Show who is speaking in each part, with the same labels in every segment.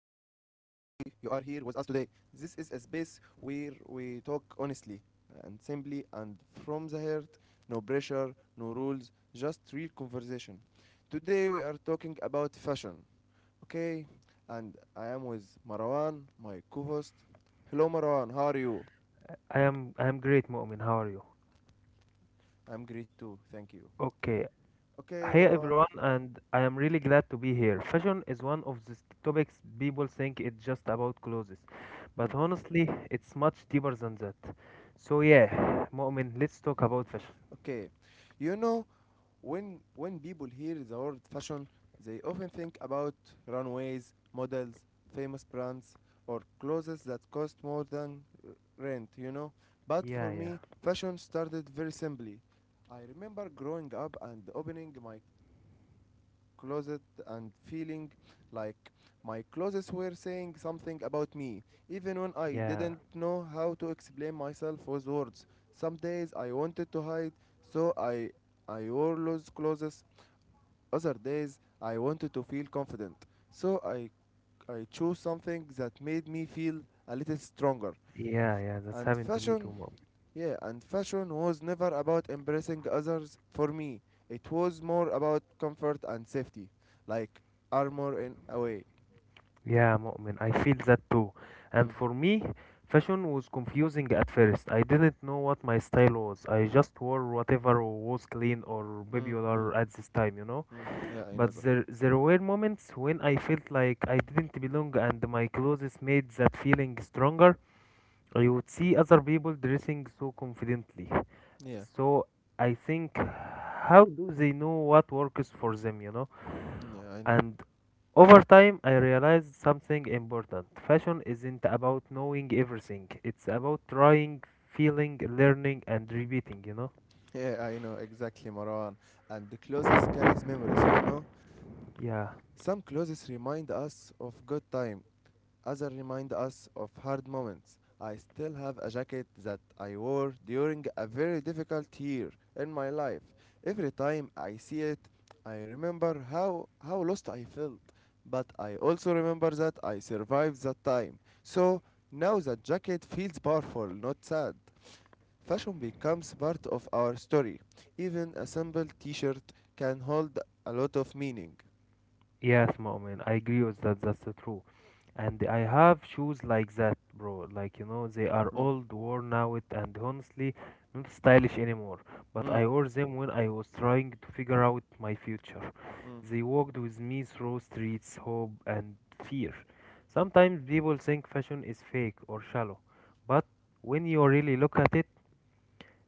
Speaker 1: you are here with us today. This is a space where we talk honestly and simply and from the heart, no pressure, no rules, just real conversation. Today we are talking about fashion, okay? And I am with Marwan, my co-host. Hello Marwan, how are you?
Speaker 2: I am great, Mu'min. How are you?
Speaker 1: I'm great too, thank you.
Speaker 2: Okay.
Speaker 1: Okay
Speaker 2: Hey
Speaker 1: Marwan.
Speaker 2: everyone, and I am really glad to be here. Fashion is one of these topics people think it's just about clothes,
Speaker 1: Mm.
Speaker 2: but honestly, it's much deeper than that. So yeah, Mu'min, let's talk about fashion.
Speaker 1: Okay, you know when people hear the word fashion, they often think about runways, models, famous brands, or clothes that cost more than rent, But for
Speaker 2: Yeah, yeah,
Speaker 1: me, fashion started very simply. I remember growing up and opening my closet and feeling like my closets were saying something about me, even when I
Speaker 2: yeah,
Speaker 1: didn't know how to explain myself with words. Some days I wanted to hide, so I wore loose clothes. Other days, I wanted to feel confident, so I chose something that made me feel a little stronger.
Speaker 2: yeah, yeah. That's
Speaker 1: And
Speaker 2: happened to me too.
Speaker 1: fashion was never about impressing others for me. It was more about comfort and safety, like armor in a way.
Speaker 2: Yeah, Mu'min, I feel that too. And
Speaker 1: Mm,
Speaker 2: for me, fashion was confusing at first. I didn't know what my style was. I just wore whatever was clean or
Speaker 1: mm, mm,
Speaker 2: popular at this time, you know.
Speaker 1: mm. Yeah, I
Speaker 2: But
Speaker 1: know that.
Speaker 2: there, there were moments when I felt like I didn't belong, and my clothes made that feeling stronger. I would see other people dressing so confidently.
Speaker 1: Yeah,
Speaker 2: So I think, how do they know what works for them, you know?
Speaker 1: yeah, I know.
Speaker 2: And over time, I realized something important. Fashion isn't about knowing everything, it's about trying, feeling, learning, and repeating, you know?
Speaker 1: Yeah, I know exactly, Marwan. And the clothes carries memories,
Speaker 2: Yeah.
Speaker 1: Some clothes remind us of good time. Others remind us of hard moments. I still have a jacket that I wore during a very difficult year in my life. Every time I see it, I remember how lost I felt. But I also remember that I survived that time. So now that jacket feels powerful, not sad. Fashion becomes part of our story. Even a simple t shirt can hold a lot of meaning.
Speaker 2: Yes, moment. I agree with that. That's the true. And I have shoes like that, bro. Like, you know, they are
Speaker 1: Mm,
Speaker 2: old, worn out, and honestly, not stylish anymore. But
Speaker 1: mm,
Speaker 2: I wore them when I was trying to figure out my future.
Speaker 1: mm.
Speaker 2: They walked with me through streets, hope, and fear. Sometimes people think fashion is fake or shallow, but when you really look at it,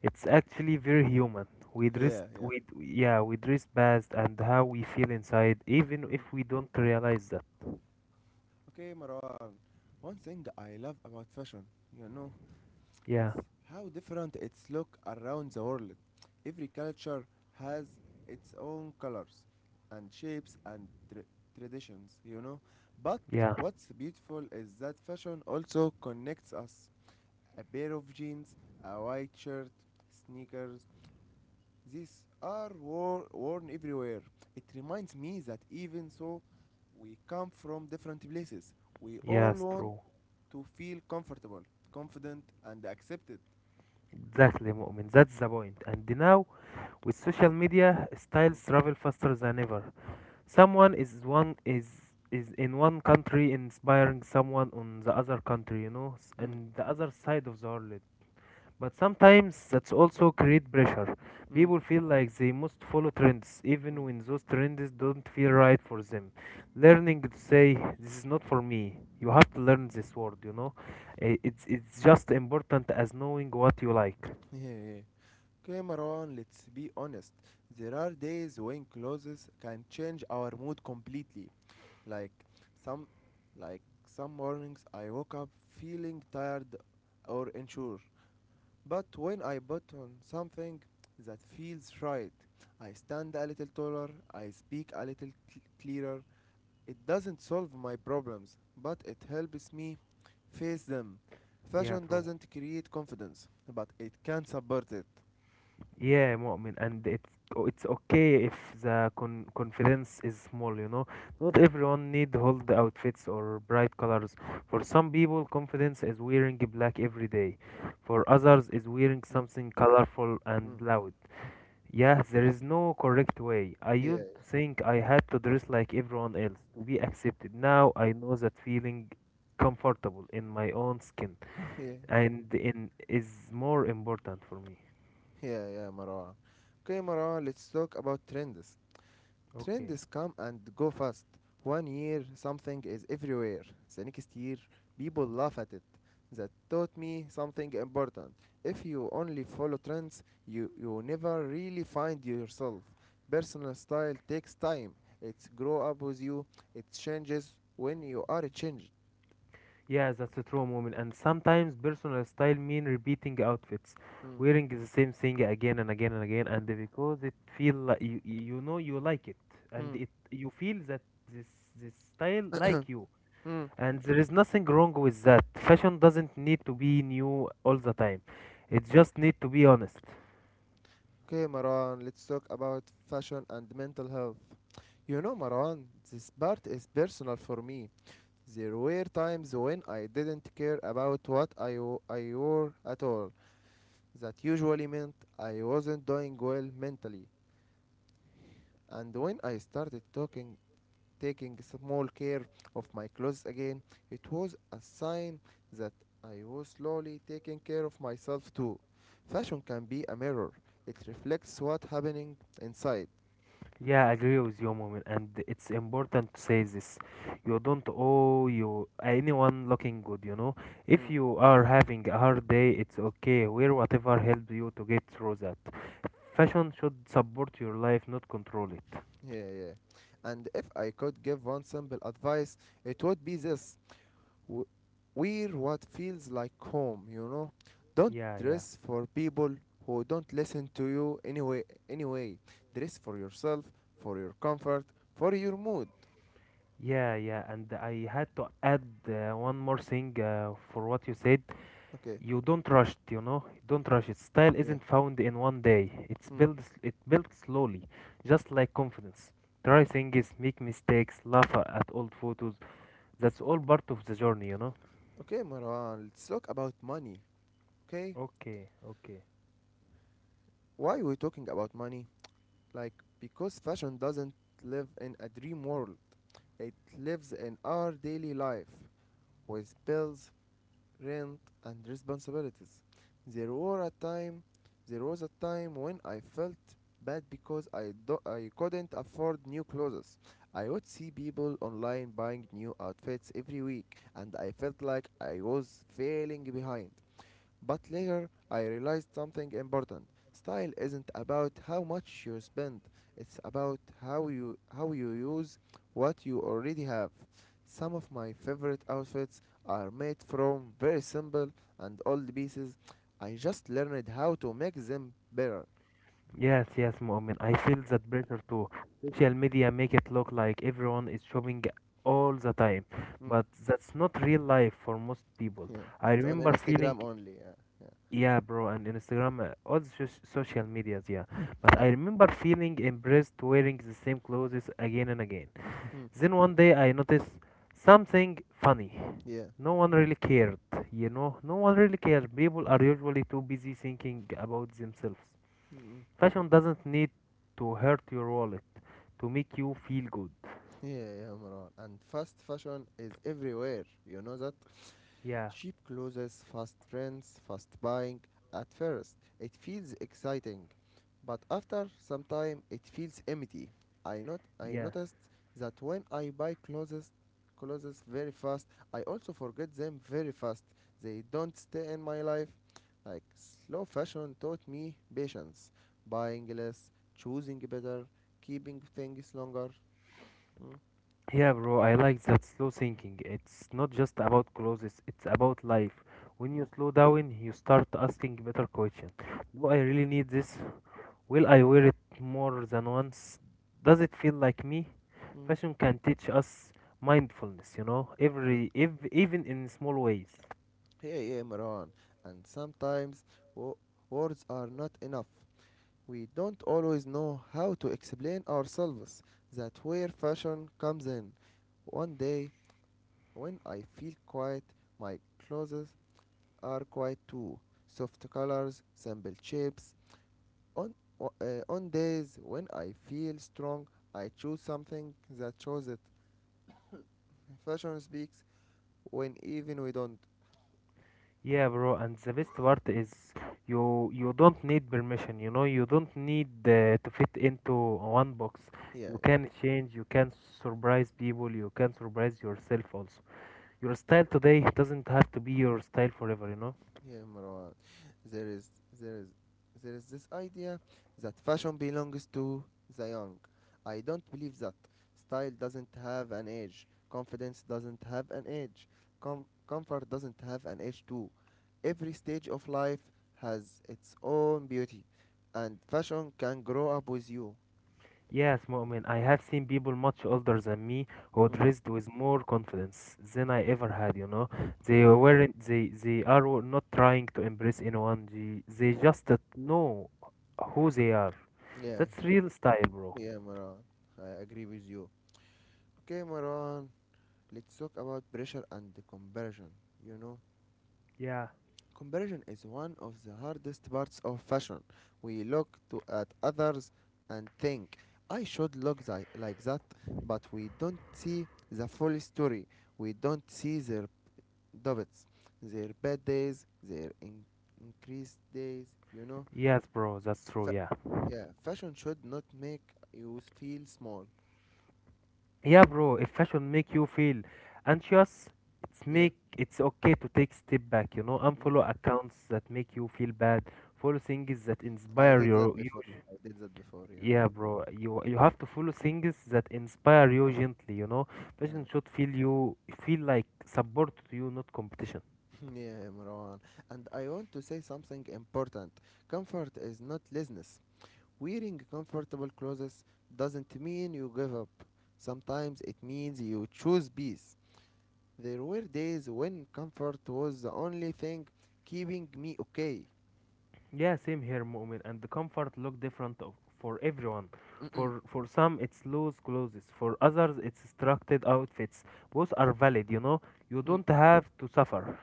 Speaker 2: it's actually very human. We dress,
Speaker 1: Yeah, yeah.
Speaker 2: we yeah, we dress best and how we feel inside, even
Speaker 1: Mm.
Speaker 2: if we don't realize that.
Speaker 1: Okay, Marwan. One thing I love about fashion, you know, is
Speaker 2: Yeah,
Speaker 1: how different its look around the world. Every culture has its own colors and shapes and traditions, But
Speaker 2: yeah,
Speaker 1: what's beautiful is that fashion also connects us. A pair of jeans, a white shirt, sneakers, these are worn everywhere. It reminds me that even so, we come from different places. We
Speaker 2: yeah,
Speaker 1: all
Speaker 2: it's
Speaker 1: want
Speaker 2: true.
Speaker 1: to feel comfortable, confident, and accepted.
Speaker 2: Exactly, Mu'min. That's the point. And now, with social media,
Speaker 1: Mm.
Speaker 2: styles travel faster than ever. Someone is in one country inspiring someone on the other country, you know,
Speaker 1: Mm.
Speaker 2: and the other side of the world. But sometimes that's also create pressure.
Speaker 1: Mm.
Speaker 2: People feel like they must follow trends, even
Speaker 1: Mm.
Speaker 2: when those trends don't feel right for them. Learning to say this is not for me. You have to learn this word, you know. It's just important as knowing what you like.
Speaker 1: Yeah, yeah. Okay, Marwan, let's be honest. There are days when clothes can change our mood completely. Like some, some mornings, I woke up feeling tired or unsure. But when I put on something that feels right, I stand a little taller, I speak a little clearer. It doesn't solve my problems, but it helps me face them.
Speaker 2: Yeah,
Speaker 1: Fashion
Speaker 2: true.
Speaker 1: doesn't create confidence, but it can support it.
Speaker 2: Yeah, Mu'min, and it's okay if the confidence is small, you know. Not everyone need hold outfits or bright colors. For some people, confidence is wearing black every day. For others, is wearing
Speaker 1: Mm,
Speaker 2: something colorful and
Speaker 1: mm, mm.
Speaker 2: loud. Yeah, there is no correct way. I
Speaker 1: Yeah,
Speaker 2: used to think I had to dress like everyone else to be accepted. Now I know that feeling comfortable in my own skin
Speaker 1: yeah, yeah,
Speaker 2: and in is more important for me.
Speaker 1: yeah, Marwa. Okay, Marwa, let's talk about trends.
Speaker 2: Okay.
Speaker 1: Trends come and go fast. One year something is everywhere. The next year people laugh at it. That taught me something important. If you only follow trends, you never really find yourself. Personal style takes time. It's grow up with you. It changes when you are changed.
Speaker 2: Yes, that's a true moment. And sometimes personal style mean repeating outfits,
Speaker 1: Mm,
Speaker 2: wearing the same thing again and again and again, and because it feel like you know you like it, and
Speaker 1: mm,
Speaker 2: it you feel that this this style like you,
Speaker 1: mm.
Speaker 2: and there is nothing wrong with that. Fashion doesn't need to be new all the time; it just need to be honest.
Speaker 1: Okay, Maran, let's talk about fashion and mental health. You know, Maran, this part is personal for me. There were times when I didn't care about what I wore at all. That usually meant I wasn't doing well mentally. And when I taking small care of my clothes again, it was a sign that I was slowly taking care of myself too. Fashion can be a mirror. It reflects what's happening inside.
Speaker 2: Yeah, I agree with you, moment, and it's important to say this. You don't owe you anyone looking good, you know. If
Speaker 1: Hmm.
Speaker 2: you are having a hard day, it's okay. Wear whatever helps you to get through that. Fashion should support your life, not control it.
Speaker 1: Yeah, yeah. And if I could give one simple advice, it would be this w- wear what feels like home, Don't
Speaker 2: Yeah, yeah.
Speaker 1: dress for people who don't listen to you anyway. Dress for yourself, for your comfort, for your mood.
Speaker 2: Yeah, yeah, and I had to add one more thing for what you said.
Speaker 1: Okay.
Speaker 2: You don't rush it, you know. Don't rush it. Style
Speaker 1: Yeah.
Speaker 2: isn't found in one day. It's
Speaker 1: Hmm.
Speaker 2: built it built slowly, just like confidence. Try things, make mistakes, laugh at old photos. That's all part of the journey, you know.
Speaker 1: Okay, Marwan, let's talk about money. Okay?
Speaker 2: Okay, okay.
Speaker 1: Why we talking about money? Like because fashion doesn't live in a dream world. It lives in our daily life with bills, rent and responsibilities. There were a time there was a time when I felt bad because I couldn't afford new clothes. I would see people online buying new outfits every week and I felt like I was failing behind. But later I realized something important. Style isn't about how much you spend. It's about how you use what you already have. Some of my favorite outfits are made from very simple and old pieces. I just learned how to make them better.
Speaker 2: Yes, yes, Mu'min. I feel that pressure too. Social media make it look like everyone is shopping all the time,
Speaker 1: Mm.
Speaker 2: but that's not real life for most people.
Speaker 1: Yeah,
Speaker 2: I
Speaker 1: it's on
Speaker 2: remember feeling
Speaker 1: Instagram only. Yeah, yeah,
Speaker 2: yeah, bro, and Instagram, all the social medias, yeah. But
Speaker 1: yeah,
Speaker 2: I remember feeling impressed wearing the same clothes again and again.
Speaker 1: mm.
Speaker 2: Then one day I noticed something funny.
Speaker 1: yeah,
Speaker 2: No one really cared, you know? No one really cared. People are usually too busy thinking about themselves.
Speaker 1: mm.
Speaker 2: Fashion doesn't need to hurt your wallet to make you feel good.
Speaker 1: Yeah, yeah, Marwan. And fast fashion is everywhere. You know that.
Speaker 2: Yeah,
Speaker 1: Cheap clothes, fast trends, fast buying. At first, it feels exciting, but after some time, it feels empty. I not I
Speaker 2: yeah.
Speaker 1: noticed that when I buy clothes very fast, I also forget them very fast. They don't stay in my life. Like slow fashion taught me patience, buying less, choosing better, keeping things longer. Mm,
Speaker 2: Yeah, bro, I like that slow thinking. It's not just about clothes, it's about life. When
Speaker 1: mm,
Speaker 2: you slow down, you start asking better questions. Do I really need this? Will I wear it more than once? Does it feel like me?
Speaker 1: mm.
Speaker 2: Fashion can teach us mindfulness, you know,
Speaker 1: Yeah.
Speaker 2: every even in small ways.
Speaker 1: Yeah, yeah, Maran. And sometimes wo- words are not enough. We don't always know how to explain ourselves. That's where fashion comes in. One day, when I feel quiet, my clothes are quiet too. Soft colors, simple shapes. On on days when I feel strong, I choose something that shows it. Fashion speaks when even we don't.
Speaker 2: Yeah, bro, and the best part is you don't need permission, you know, you don't need to fit into one box.
Speaker 1: Yeah,
Speaker 2: You can change, you can surprise people, you can surprise yourself also. Your style today doesn't have to be your style forever, you know?
Speaker 1: Yeah, Marwan. There is there is there is this idea that fashion belongs to the young. I don't believe that. Style doesn't have an age. Confidence doesn't have an age. Comfort doesn't have an age too. Every stage of life has its own beauty, and fashion can grow up with you.
Speaker 2: Yes, Mu'min, I have seen people much older than me who
Speaker 1: Mm,
Speaker 2: dressed with more confidence than I ever had, you know? They
Speaker 1: mm.
Speaker 2: weren't, they are not trying to impress anyone, they just know who they are.
Speaker 1: Yeah,
Speaker 2: That's real style, bro.
Speaker 1: yeah, Marwan. I agree with you. Okay, Marwan. Let's talk about pressure and the comparison. You know.
Speaker 2: Yeah.
Speaker 1: Comparison is one of the hardest parts of fashion. We look to at others and think, I should look like that, but we don't see the full story. We don't see their doubts, their bad days, their increased days, you know?
Speaker 2: Yes, bro, that's true,
Speaker 1: Fa-
Speaker 2: yeah.
Speaker 1: yeah, fashion should not make you feel small.
Speaker 2: Yeah, bro, if fashion make you feel anxious,
Speaker 1: Yeah,
Speaker 2: it's okay to take step back, you know,
Speaker 1: mm.
Speaker 2: unfollow accounts that make you feel bad. Follow things that
Speaker 1: I
Speaker 2: inspire
Speaker 1: did that
Speaker 2: your you.
Speaker 1: before. I did that before, yeah.
Speaker 2: Yeah, bro, you have to follow things that inspire you gently, you know.
Speaker 1: Yeah.
Speaker 2: Fashion should feel you feel like support to you, not competition.
Speaker 1: Yeah, Marwan. And I want to say something important. Comfort is not laziness. Wearing comfortable clothes doesn't mean you give up. Sometimes it means you choose peace. There were days when comfort was the only thing keeping me okay.
Speaker 2: Yeah, same here, Mu'min. And the comfort look different of, for everyone. For for some, it's loose clothes. For others, it's structured outfits. Both are valid, you know. You
Speaker 1: Mm.
Speaker 2: don't have to suffer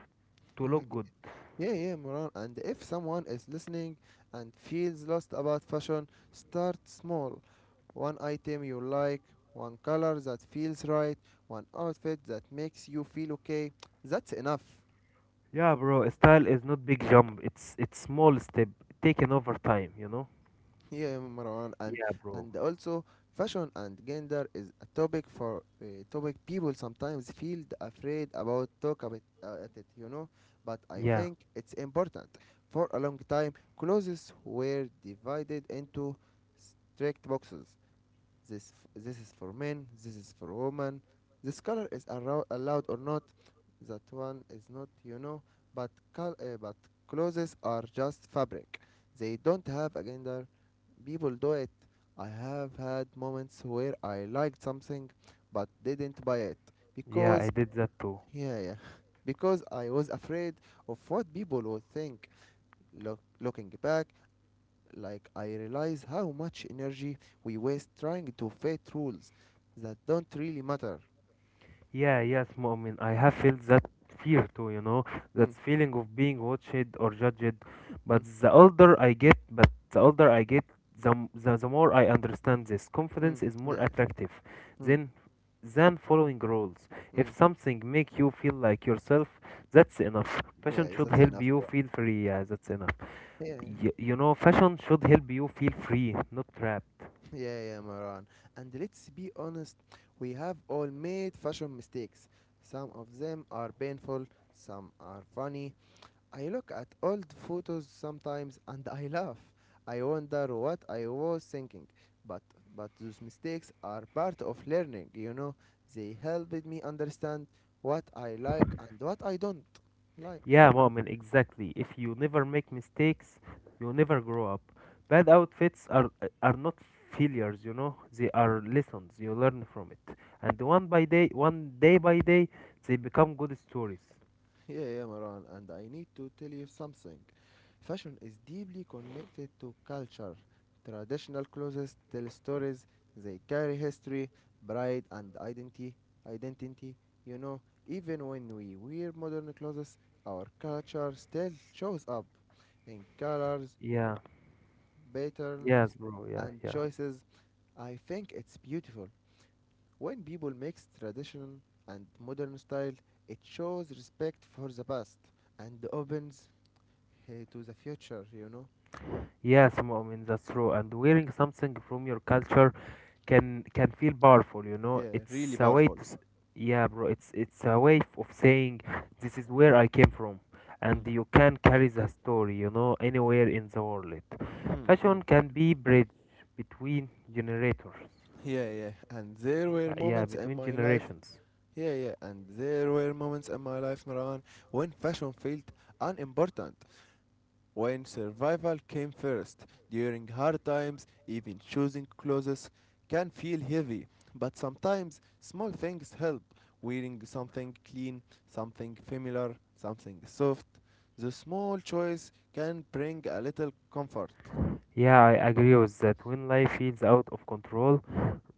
Speaker 2: to look
Speaker 1: Okay,
Speaker 2: good.
Speaker 1: Yeah, yeah, Moran. And if someone is listening and feels lost about fashion, start small. One item you like, one color that feels right, one outfit that makes you feel okay. That's enough.
Speaker 2: Yeah, bro. Style is not big jump. It's small step taken over time, you know.
Speaker 1: Yeah, Marwan. And
Speaker 2: Yeah, bro.
Speaker 1: and also, fashion and gender is a topic for topic people sometimes feel afraid about talk about at it. You know, but I
Speaker 2: Yeah,
Speaker 1: think it's important. For a long time, clothes were divided into strict boxes. This, this is for men, this is for women. This color is allowed or not. That one is not, you know. But clothes are just fabric. They don't have a gender. People do it. I have had moments where I liked something but didn't buy it
Speaker 2: yeah. I
Speaker 1: because,
Speaker 2: did that too.
Speaker 1: yeah, yeah, because I was afraid of what people would think. Looking back, I realize how much energy we waste trying to fit rules that don't really matter.
Speaker 2: Yeah, yes, Mu'min. I have felt that fear too, you know,
Speaker 1: Mm,
Speaker 2: that feeling of being watched or judged.
Speaker 1: mm,
Speaker 2: But the older I get, the more I understand this.
Speaker 1: mm,
Speaker 2: Confidence is more
Speaker 1: yeah,
Speaker 2: attractive
Speaker 1: mm,
Speaker 2: than than following rules. If
Speaker 1: mm,
Speaker 2: something make you feel like yourself, that's enough.
Speaker 1: yeah,
Speaker 2: Fashion
Speaker 1: is
Speaker 2: should
Speaker 1: that
Speaker 2: help
Speaker 1: enough?
Speaker 2: you feel free. Yeah, that's enough.
Speaker 1: Yeah, yeah,
Speaker 2: You know, fashion should help you feel free, not trapped.
Speaker 1: yeah, yeah, Maran. And let's be honest, we have all made fashion mistakes. Some of them are painful, some are funny, I look at old photos sometimes and I laugh. I wonder what I was thinking. But but those mistakes are part of learning, you know. They helped me understand what I like and what I don't like.
Speaker 2: Yeah, Mu'min, exactly. If you never make mistakes, you never grow up. Bad outfits are not failures, you know. They are lessons. You learn from it, and one by day, one day by day, they become good stories.
Speaker 1: Yeah, yeah, Maran, and I need to tell you something. Fashion is deeply connected to culture. Traditional clothes tell stories, they carry history, pride, and identity. Identity, you know, even when we wear modern clothes, our culture still shows up in colors,
Speaker 2: Yeah. Yes,
Speaker 1: patterns,
Speaker 2: bro. Yeah,
Speaker 1: and
Speaker 2: yeah.
Speaker 1: choices. I think it's beautiful. When people mix tradition and modern style, it shows respect for the past and opens to the future, you know.
Speaker 2: Yes, Mu'min, that's true. And wearing something from your culture can feel powerful, you know.
Speaker 1: Yeah,
Speaker 2: It's
Speaker 1: really
Speaker 2: a way
Speaker 1: powerful.
Speaker 2: to, s- yeah, bro. It's a way of saying this is where I came from,
Speaker 1: Mm,
Speaker 2: and you can carry the story, you know, anywhere in the world.
Speaker 1: mm, mm.
Speaker 2: Fashion can be bridge between generations,
Speaker 1: Yeah, yeah. And there were
Speaker 2: yeah,
Speaker 1: moments in
Speaker 2: between
Speaker 1: my life.
Speaker 2: generations.
Speaker 1: Yeah, yeah. And there were moments in my life, Marwan, when fashion felt unimportant, when survival came first. During hard times, even choosing clothes can feel heavy. But sometimes small things help. Wearing something clean, something familiar, something soft. The small choice can bring a little comfort.
Speaker 2: Yeah, I agree with that. When life feels out of control,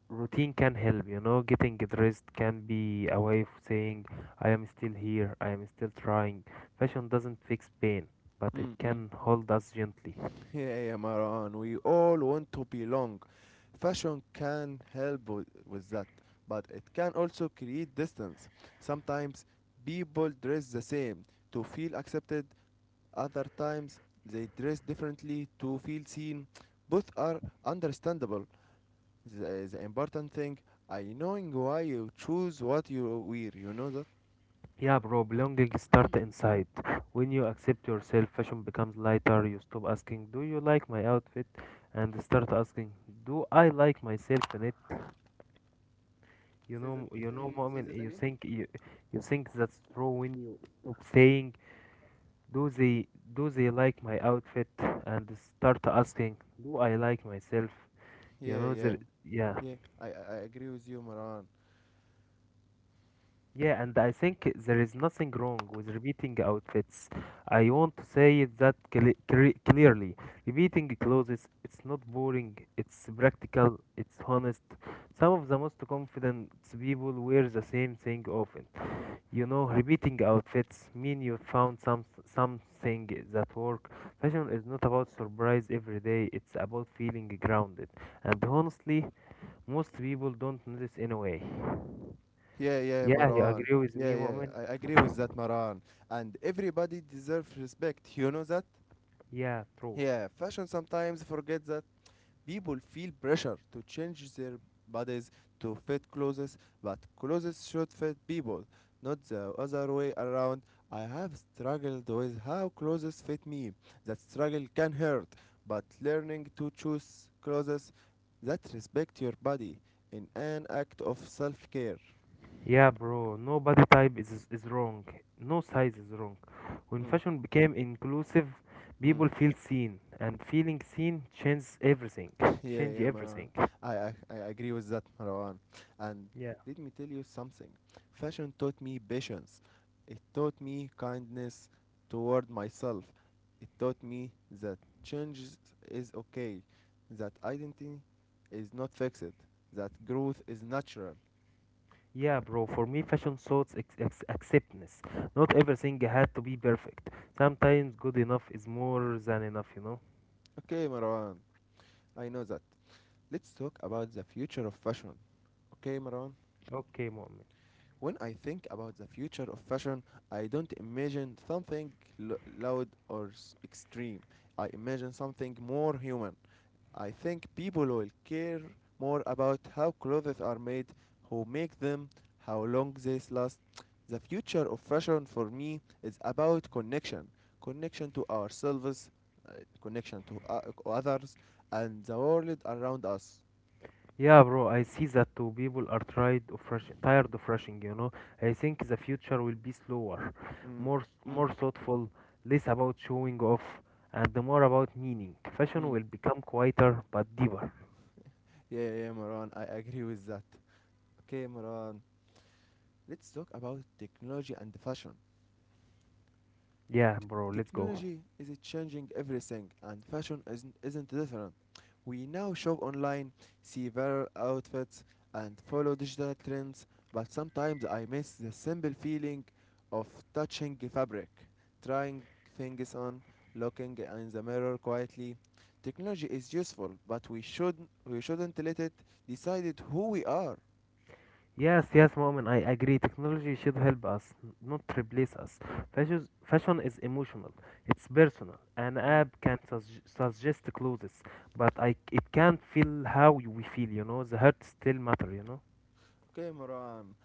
Speaker 2: routine can help. You know, getting dressed can be a way of saying, I am still here, I am still trying. Fashion doesn't fix pain, but it
Speaker 1: Mm, mm.
Speaker 2: can hold us gently.
Speaker 1: Yeah, yeah, Marwan. We all want to belong. Fashion can help with that, but it can also create distance. Sometimes people dress the same to feel accepted, other times they dress differently to feel seen. Both are understandable. The important thing, I knowing why you choose what you wear, you know that?
Speaker 2: Yeah, bro, belonging starts inside. When you accept yourself, fashion becomes lighter. You stop asking, do you like my outfit? And start asking, do I like myself in it?
Speaker 1: Say that.
Speaker 2: You know,
Speaker 1: Say
Speaker 2: moment
Speaker 1: that
Speaker 2: you
Speaker 1: again.
Speaker 2: think you, you think that's true when you stop saying do they like my outfit and start asking, do I like myself? You
Speaker 1: Yeah,
Speaker 2: know,
Speaker 1: yeah,
Speaker 2: there, yeah.
Speaker 1: yeah. I agree with you, Maran.
Speaker 2: Yeah, and I think there is nothing wrong with repeating outfits. I want to say it that clearly. Repeating clothes, it's not boring, it's practical, it's honest. Some of the most confident people wear the same thing often. You know, repeating outfits mean you found something that work. Fashion is not about surprise every day. It's about feeling grounded. And honestly, most people don't notice anyway.
Speaker 1: Yeah, yeah,
Speaker 2: Yeah, you
Speaker 1: Marwan.
Speaker 2: agree with
Speaker 1: Yeah,
Speaker 2: me,
Speaker 1: yeah,
Speaker 2: Moment?
Speaker 1: I agree with that, Marwan. And everybody deserves respect, you know that?
Speaker 2: Yeah, true.
Speaker 1: Yeah, fashion sometimes forgets that people feel pressure to change their bodies to fit clothes, but clothes should fit people, not the other way around. I have struggled with how clothes fit me. That struggle can hurt, but learning to choose clothes that respect your body in an act of self-care.
Speaker 2: Yeah, bro. No body type is wrong. No size is wrong. When
Speaker 1: Mm,
Speaker 2: fashion became inclusive,
Speaker 1: mm.
Speaker 2: people feel seen, and feeling seen changes everything.
Speaker 1: Yeah,
Speaker 2: Change
Speaker 1: yeah, Marwan.
Speaker 2: everything.
Speaker 1: I agree with that, Marwan. And
Speaker 2: Yeah.
Speaker 1: let me tell you something. Fashion taught me patience. It taught me kindness toward myself. It taught me that change is okay, that identity is not fixed, that growth is natural.
Speaker 2: Yeah, bro, for me, fashion shows acceptance. Not everything had to be perfect. Sometimes good enough is more than enough, you know?
Speaker 1: Okay, Marwan. I know that. Let's talk about the future of fashion. Okay, Marwan?
Speaker 2: Okay, Mu'min.
Speaker 1: When I think about the future of fashion, I don't imagine something loud or extreme. I imagine something more human. I think people will care more about how clothes are made, who make them, how long they last. The future of fashion for me is about connection connection to ourselves, uh, connection to others, and the world around us.
Speaker 2: Yeah, bro, I see that too. People are tired of rushing, you know? I think the future will be slower,
Speaker 1: Mm,
Speaker 2: more,
Speaker 1: mm,
Speaker 2: more thoughtful, less about showing off, and more about meaning. Fashion
Speaker 1: mm.
Speaker 2: will become quieter but deeper.
Speaker 1: Yeah, yeah, Maran, I agree with that. Okay, Moran. Let's talk about technology and fashion.
Speaker 2: Yeah, bro, let's go.
Speaker 1: Technology is changing everything, and fashion isn't different. We now shop online, see viral outfits, and follow digital trends, but sometimes I miss the simple feeling of touching fabric, trying things on, looking in the mirror quietly. Technology is useful, but we shouldn't let it decide who we are.
Speaker 2: Yes, yes, Moment, I agree. Technology should help us, not replace us. Fashion is emotional, it's personal. An
Speaker 1: Mm.
Speaker 2: app can suggest clothes, but I, it can't feel how you- we feel, you know? The heart still matter, you know?
Speaker 1: Okay, Moran.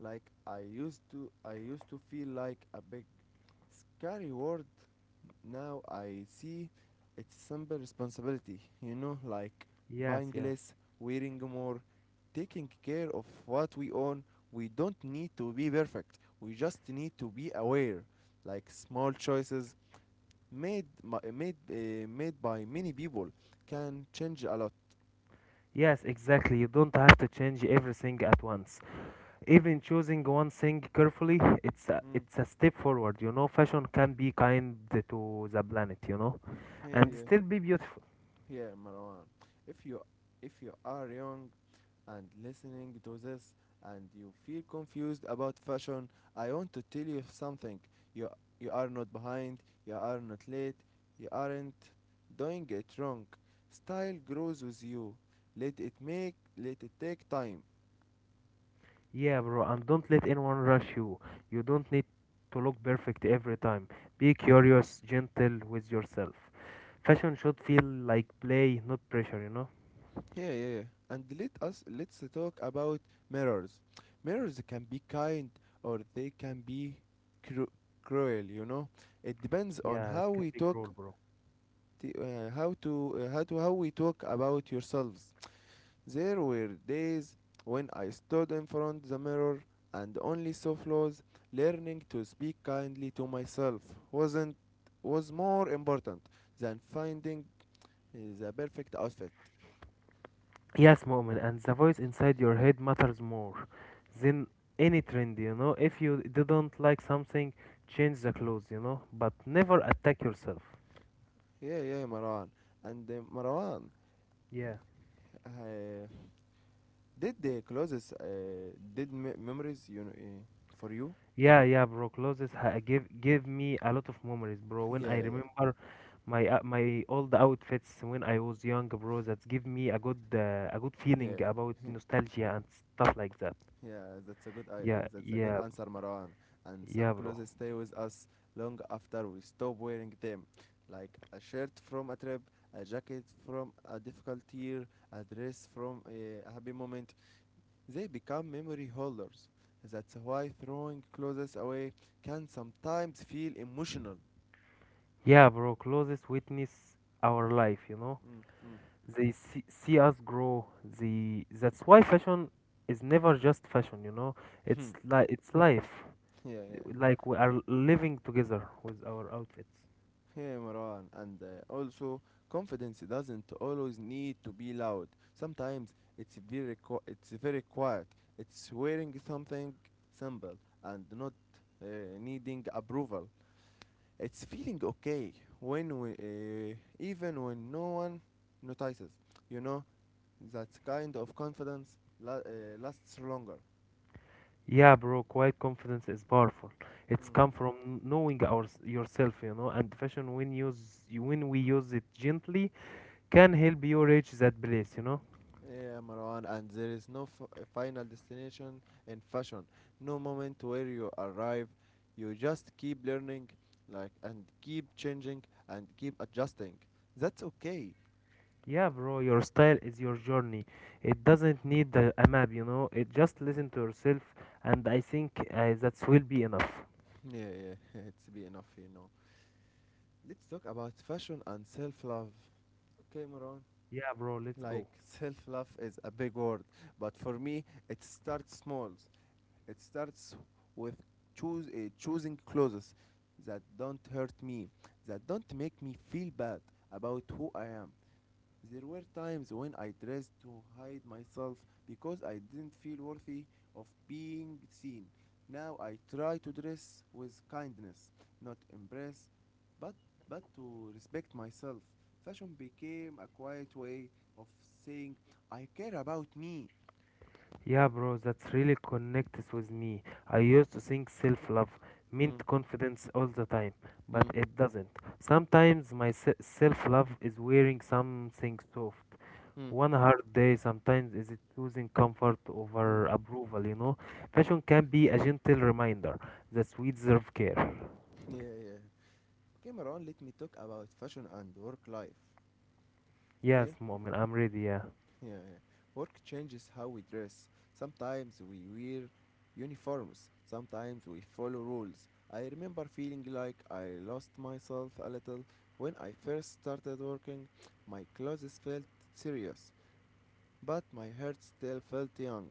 Speaker 1: Like I used to feel like a big scary word. Now I see it's simple responsibility, you know, like
Speaker 2: Yes,
Speaker 1: buying
Speaker 2: yes.
Speaker 1: less, wearing more, taking care of what we own. We don't need to be perfect. We just need to be aware. Like small choices made my, made made by many people can change a lot.
Speaker 2: Yes, exactly. You don't have to change everything at once. Even choosing one thing carefully,
Speaker 1: Mm.
Speaker 2: it's a step forward, you know? Fashion can be kind to the planet, you know?
Speaker 1: Yeah,
Speaker 2: And
Speaker 1: yeah,
Speaker 2: still be beautiful.
Speaker 1: yeah, Marwan. If you if you are young, and listening to this and you feel confused about fashion, I want to tell you something. You you are not behind, you are not late, you aren't doing it wrong. Style grows with you. Let it take time.
Speaker 2: Yeah, bro, and don't let anyone rush you. You don't need to look perfect every time. Be curious, gentle with yourself. Fashion should feel like play, not pressure, you know?
Speaker 1: Yeah, yeah, yeah. And let's talk about mirrors. Mirrors can be kind or they can be cru- cruel, you know. It depends on
Speaker 2: Yeah, it
Speaker 1: how
Speaker 2: can
Speaker 1: we
Speaker 2: be
Speaker 1: talk
Speaker 2: cruel, bro.
Speaker 1: how we talk about yourselves. There were days when I stood in front the mirror and only saw flaws. Learning to speak kindly to myself wasn't was more important than finding the perfect outfit.
Speaker 2: Yes, moment, and the voice inside your head matters more than any trend, you know? If you didn't like something, change the clothes, you know? But never attack yourself.
Speaker 1: Yeah, yeah, Marwan. And Marwan,
Speaker 2: Yeah.
Speaker 1: uh, did the clothes, did memories you know, for you?
Speaker 2: Yeah, yeah, bro. Clothes give me a lot of memories, bro. When I
Speaker 1: Yeah,
Speaker 2: remember my old outfits when I was young, bro. That give me a good
Speaker 1: yeah,
Speaker 2: feeling about
Speaker 1: yeah.
Speaker 2: nostalgia and stuff like that.
Speaker 1: Yeah, that's a
Speaker 2: Yeah,
Speaker 1: that's a good
Speaker 2: yeah,
Speaker 1: answer, Marwan. And
Speaker 2: yeah,
Speaker 1: some
Speaker 2: bro.
Speaker 1: clothes stay with us long after we stop wearing them, like a shirt from a trip, a jacket from a difficult year, a dress from a happy moment. They become memory holders. That's why throwing clothes away can sometimes feel emotional.
Speaker 2: Yeah, bro. Clothes witness our life, you know.
Speaker 1: Mm, mm,
Speaker 2: They see us grow. They that's why fashion is never just fashion, you know.
Speaker 1: hmm.
Speaker 2: It's like it's life.
Speaker 1: Yeah, yeah.
Speaker 2: Like we are living together with our outfits.
Speaker 1: Hey Maran, and also confidence doesn't always need to be loud. Sometimes it's very quiet. It's wearing something simple and not uh, needing approval. It's feeling okay when we even when no one notices. You know that kind of lasts longer.
Speaker 2: Yeah, bro, quiet confidence is powerful. It's
Speaker 1: Mm.
Speaker 2: come from knowing our yourself, you know, and fashion when we use it gently can help you reach that place, you know.
Speaker 1: Yeah, Marwan, and there is no final destination in fashion. No moment where you arrive. You just keep learning, like, and keep changing and keep adjusting. That's okay.
Speaker 2: Yeah, bro, your style is your journey. It doesn't need a map, you know. It just listen to yourself, and I think that will be enough.
Speaker 1: Yeah, yeah, it's be enough, you know. Let's talk about fashion and self love. Okay, Marwan.
Speaker 2: Yeah, bro, let's
Speaker 1: Like,
Speaker 2: go.
Speaker 1: self love is a big word, but for me, it starts small. It starts with choosing clothes that don't hurt me, that don't make me feel bad about who I am. There were times when I dressed to hide myself because I didn't feel worthy of being seen. Now I try to dress with kindness, not embrace, but to respect myself. Fashion became a quiet way of saying I care about me.
Speaker 2: Yeah, bro, that's really connects with me. I used to think self love
Speaker 1: Mm,
Speaker 2: meant confidence all the time, but
Speaker 1: mm,
Speaker 2: it doesn't. Sometimes my self love is wearing something soft.
Speaker 1: mm,
Speaker 2: One hard day sometimes is it choosing comfort
Speaker 1: mm.
Speaker 2: over approval, you know? Fashion can be a gentle reminder that we deserve care.
Speaker 1: Yeah, yeah. Okay, Maran, let me talk about fashion and work life.
Speaker 2: Yes,
Speaker 1: Okay?
Speaker 2: Moment, I'm ready, yeah.
Speaker 1: Yeah, yeah. Work changes how we dress. Sometimes we wear uniforms, sometimes we follow rules. I remember feeling like I lost myself a little when I first started working. My clothes felt serious, but my heart still felt young.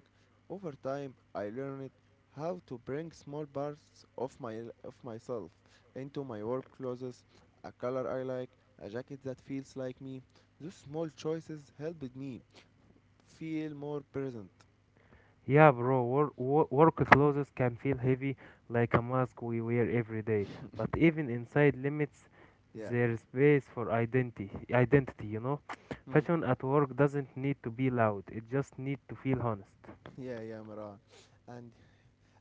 Speaker 1: Over time, I learned how to bring small parts of my of myself into my work clothes, a color I like, a jacket that feels like me. Those small choices helped me feel more present.
Speaker 2: Yeah, bro, work clothes can feel heavy like a mask we wear every day, but even inside limits
Speaker 1: Yeah.
Speaker 2: their space for identity, you know?
Speaker 1: Mm.
Speaker 2: Fashion at work doesn't need to be loud, it just needs to feel honest.
Speaker 1: Yeah, yeah, Marwan. And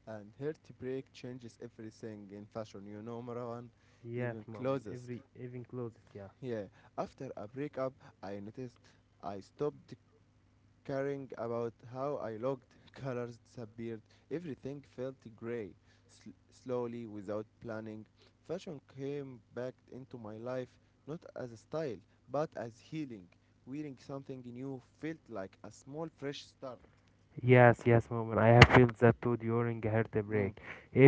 Speaker 1: and heartbreak changes everything in fashion, you know, Marwan,
Speaker 2: Yes,
Speaker 1: even
Speaker 2: mom, and
Speaker 1: clothes.
Speaker 2: every even clothes, yeah.
Speaker 1: Yeah. After a breakup, I noticed I stopped caring about how I looked. Colors disappeared. Everything felt gray. Slowly, without planning, fashion came back into my life, not as a style, but as healing. Wearing something new felt like a small fresh start.
Speaker 2: Yes, yes, moment. I have felt that too during a
Speaker 1: Mm.
Speaker 2: heartbreak.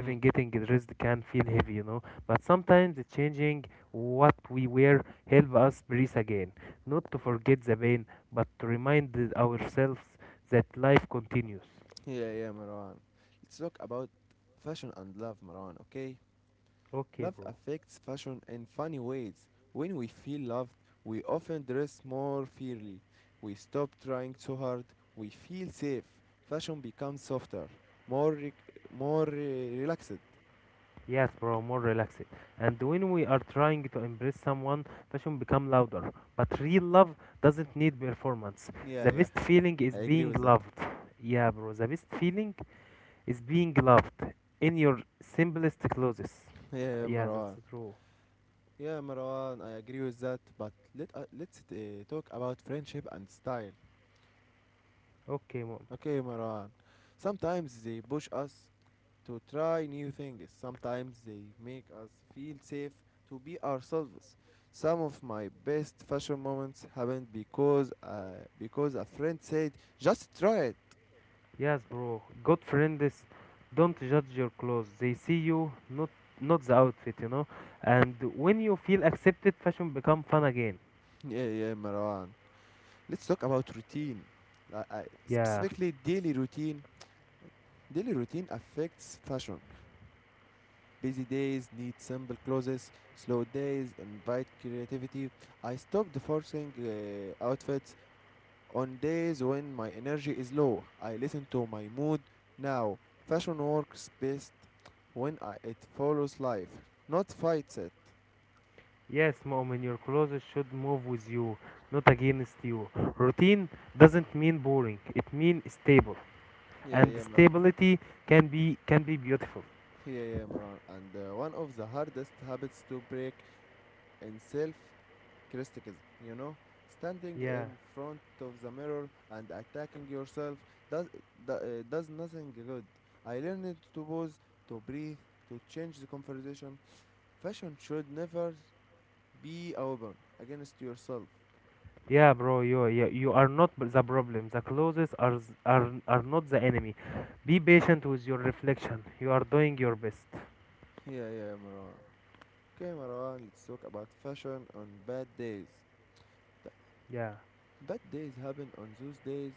Speaker 1: Mm.
Speaker 2: getting dressed can feel heavy, you know. But sometimes changing what we wear help us breathe again. Not to forget the pain, but to remind ourselves that life continues.
Speaker 1: Yeah, yeah, Marwan. Let's talk about fashion and love, Marwan, okay?
Speaker 2: Okay,
Speaker 1: Love
Speaker 2: bro.
Speaker 1: affects fashion in funny ways. When we feel loved, we often dress more fairly. We stop trying so hard. We feel safe. Fashion becomes softer, more re- more relaxed.
Speaker 2: Yes, bro, more relaxed. And when we are trying to embrace someone, passion become louder. But real love doesn't need performance.
Speaker 1: Yeah,
Speaker 2: The
Speaker 1: yeah,
Speaker 2: best feeling is
Speaker 1: I agree
Speaker 2: being
Speaker 1: with that.
Speaker 2: loved. Yeah, bro. The best feeling is being loved in your simplest clothes. Ah,
Speaker 1: Yeah,
Speaker 2: yeah, that's
Speaker 1: Marwan.
Speaker 2: true.
Speaker 1: Yeah, Marwan, I agree with that. But let's talk about friendship and style.
Speaker 2: Okay, mom.
Speaker 1: Okay, Marwan. Sometimes they push us to try new things. Sometimes they make us feel safe to be ourselves. Some of my best fashion moments happened because a friend said, "Just try it."
Speaker 2: Yes, bro. Good friends don't judge your clothes. They see you, not the outfit, you know. And when you feel accepted, fashion become fun again.
Speaker 1: Yeah, yeah, Marwan. Let's talk about routine. Like, I,
Speaker 2: Yeah.
Speaker 1: specifically, daily routine. Daily routine affects fashion. Busy days need simple clothes. Slow days invite creativity. I stopped forcing outfits. On days when my energy is low, I listen to my mood. Now, fashion works best when it follows life, not fights it.
Speaker 2: Yes, mom. And your clothes should move with you, not against you. Routine doesn't mean boring. It means stable.
Speaker 1: Yeah,
Speaker 2: And
Speaker 1: yeah, Maran.
Speaker 2: stability can be beautiful.
Speaker 1: Yeah, yeah, Maran. And one of the hardest habits to break in self criticism, you know? Standing
Speaker 2: Yeah.
Speaker 1: in front of the mirror and attacking yourself does, does nothing good. I learned to pause, to breathe, to change the conversation. Fashion should never be open against yourself.
Speaker 2: Yeah, bro, you are not the problem. The closest are, s- are not the enemy. Be patient with your reflection. You are doing your best.
Speaker 1: Yeah, yeah, Marwan. Okay, Marwan, let's talk about fashion on bad days. Th-
Speaker 2: Yeah.
Speaker 1: Bad days happen on those days.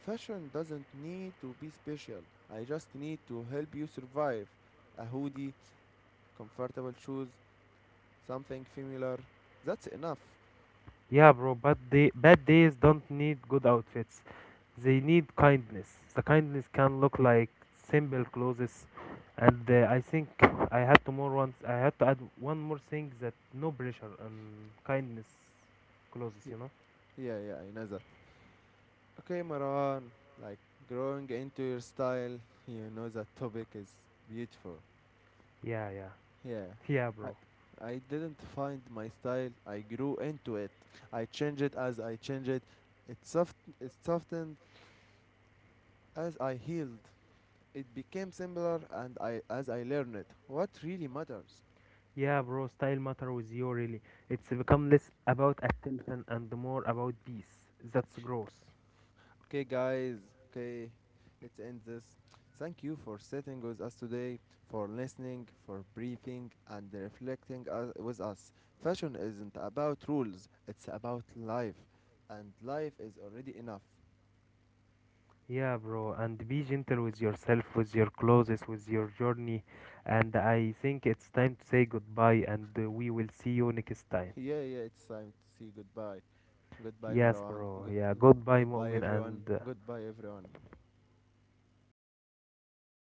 Speaker 1: Fashion doesn't need to be special. I just need to help you survive. A hoodie, comfortable shoes, something familiar. That's enough.
Speaker 2: Yeah, bro, but the bad days don't need good outfits. They need kindness. The kindness can look like simple clothes. And I think I had to more once. I had to add one more thing that no pressure and kindness clothes.
Speaker 1: Y-
Speaker 2: You know?
Speaker 1: Yeah, yeah, I know that. Okay, Marwan, like growing into your style, you know that topic is beautiful.
Speaker 2: Yeah, yeah,
Speaker 1: Yeah.
Speaker 2: yeah,
Speaker 1: I
Speaker 2: bro.
Speaker 1: I didn't find my style. I grew into it. I changed it as I changed it. It soft it softened as I healed. It became similar and I as I learned it. What really matters.
Speaker 2: Yeah, bro, style matter with you really. It's become less about attention and more about peace. That's gross.
Speaker 1: Okay guys, okay. Let's end this. Thank you for sitting with us today, for listening, for breathing and reflecting with us. Fashion isn't about rules, it's about life and life is already enough.
Speaker 2: Yeah, bro, and be gentle with yourself, with your clothes, with your journey. And I think it's time to say goodbye, and we will see you next time.
Speaker 1: Yeah, yeah, it's time to say goodbye. Goodbye,
Speaker 2: Yes,
Speaker 1: Marwan.
Speaker 2: bro.
Speaker 1: Good,
Speaker 2: Yeah,
Speaker 1: good,
Speaker 2: goodbye,
Speaker 1: goodbye,
Speaker 2: Mu'min,
Speaker 1: everyone.
Speaker 2: and uh,
Speaker 1: Goodbye, everyone.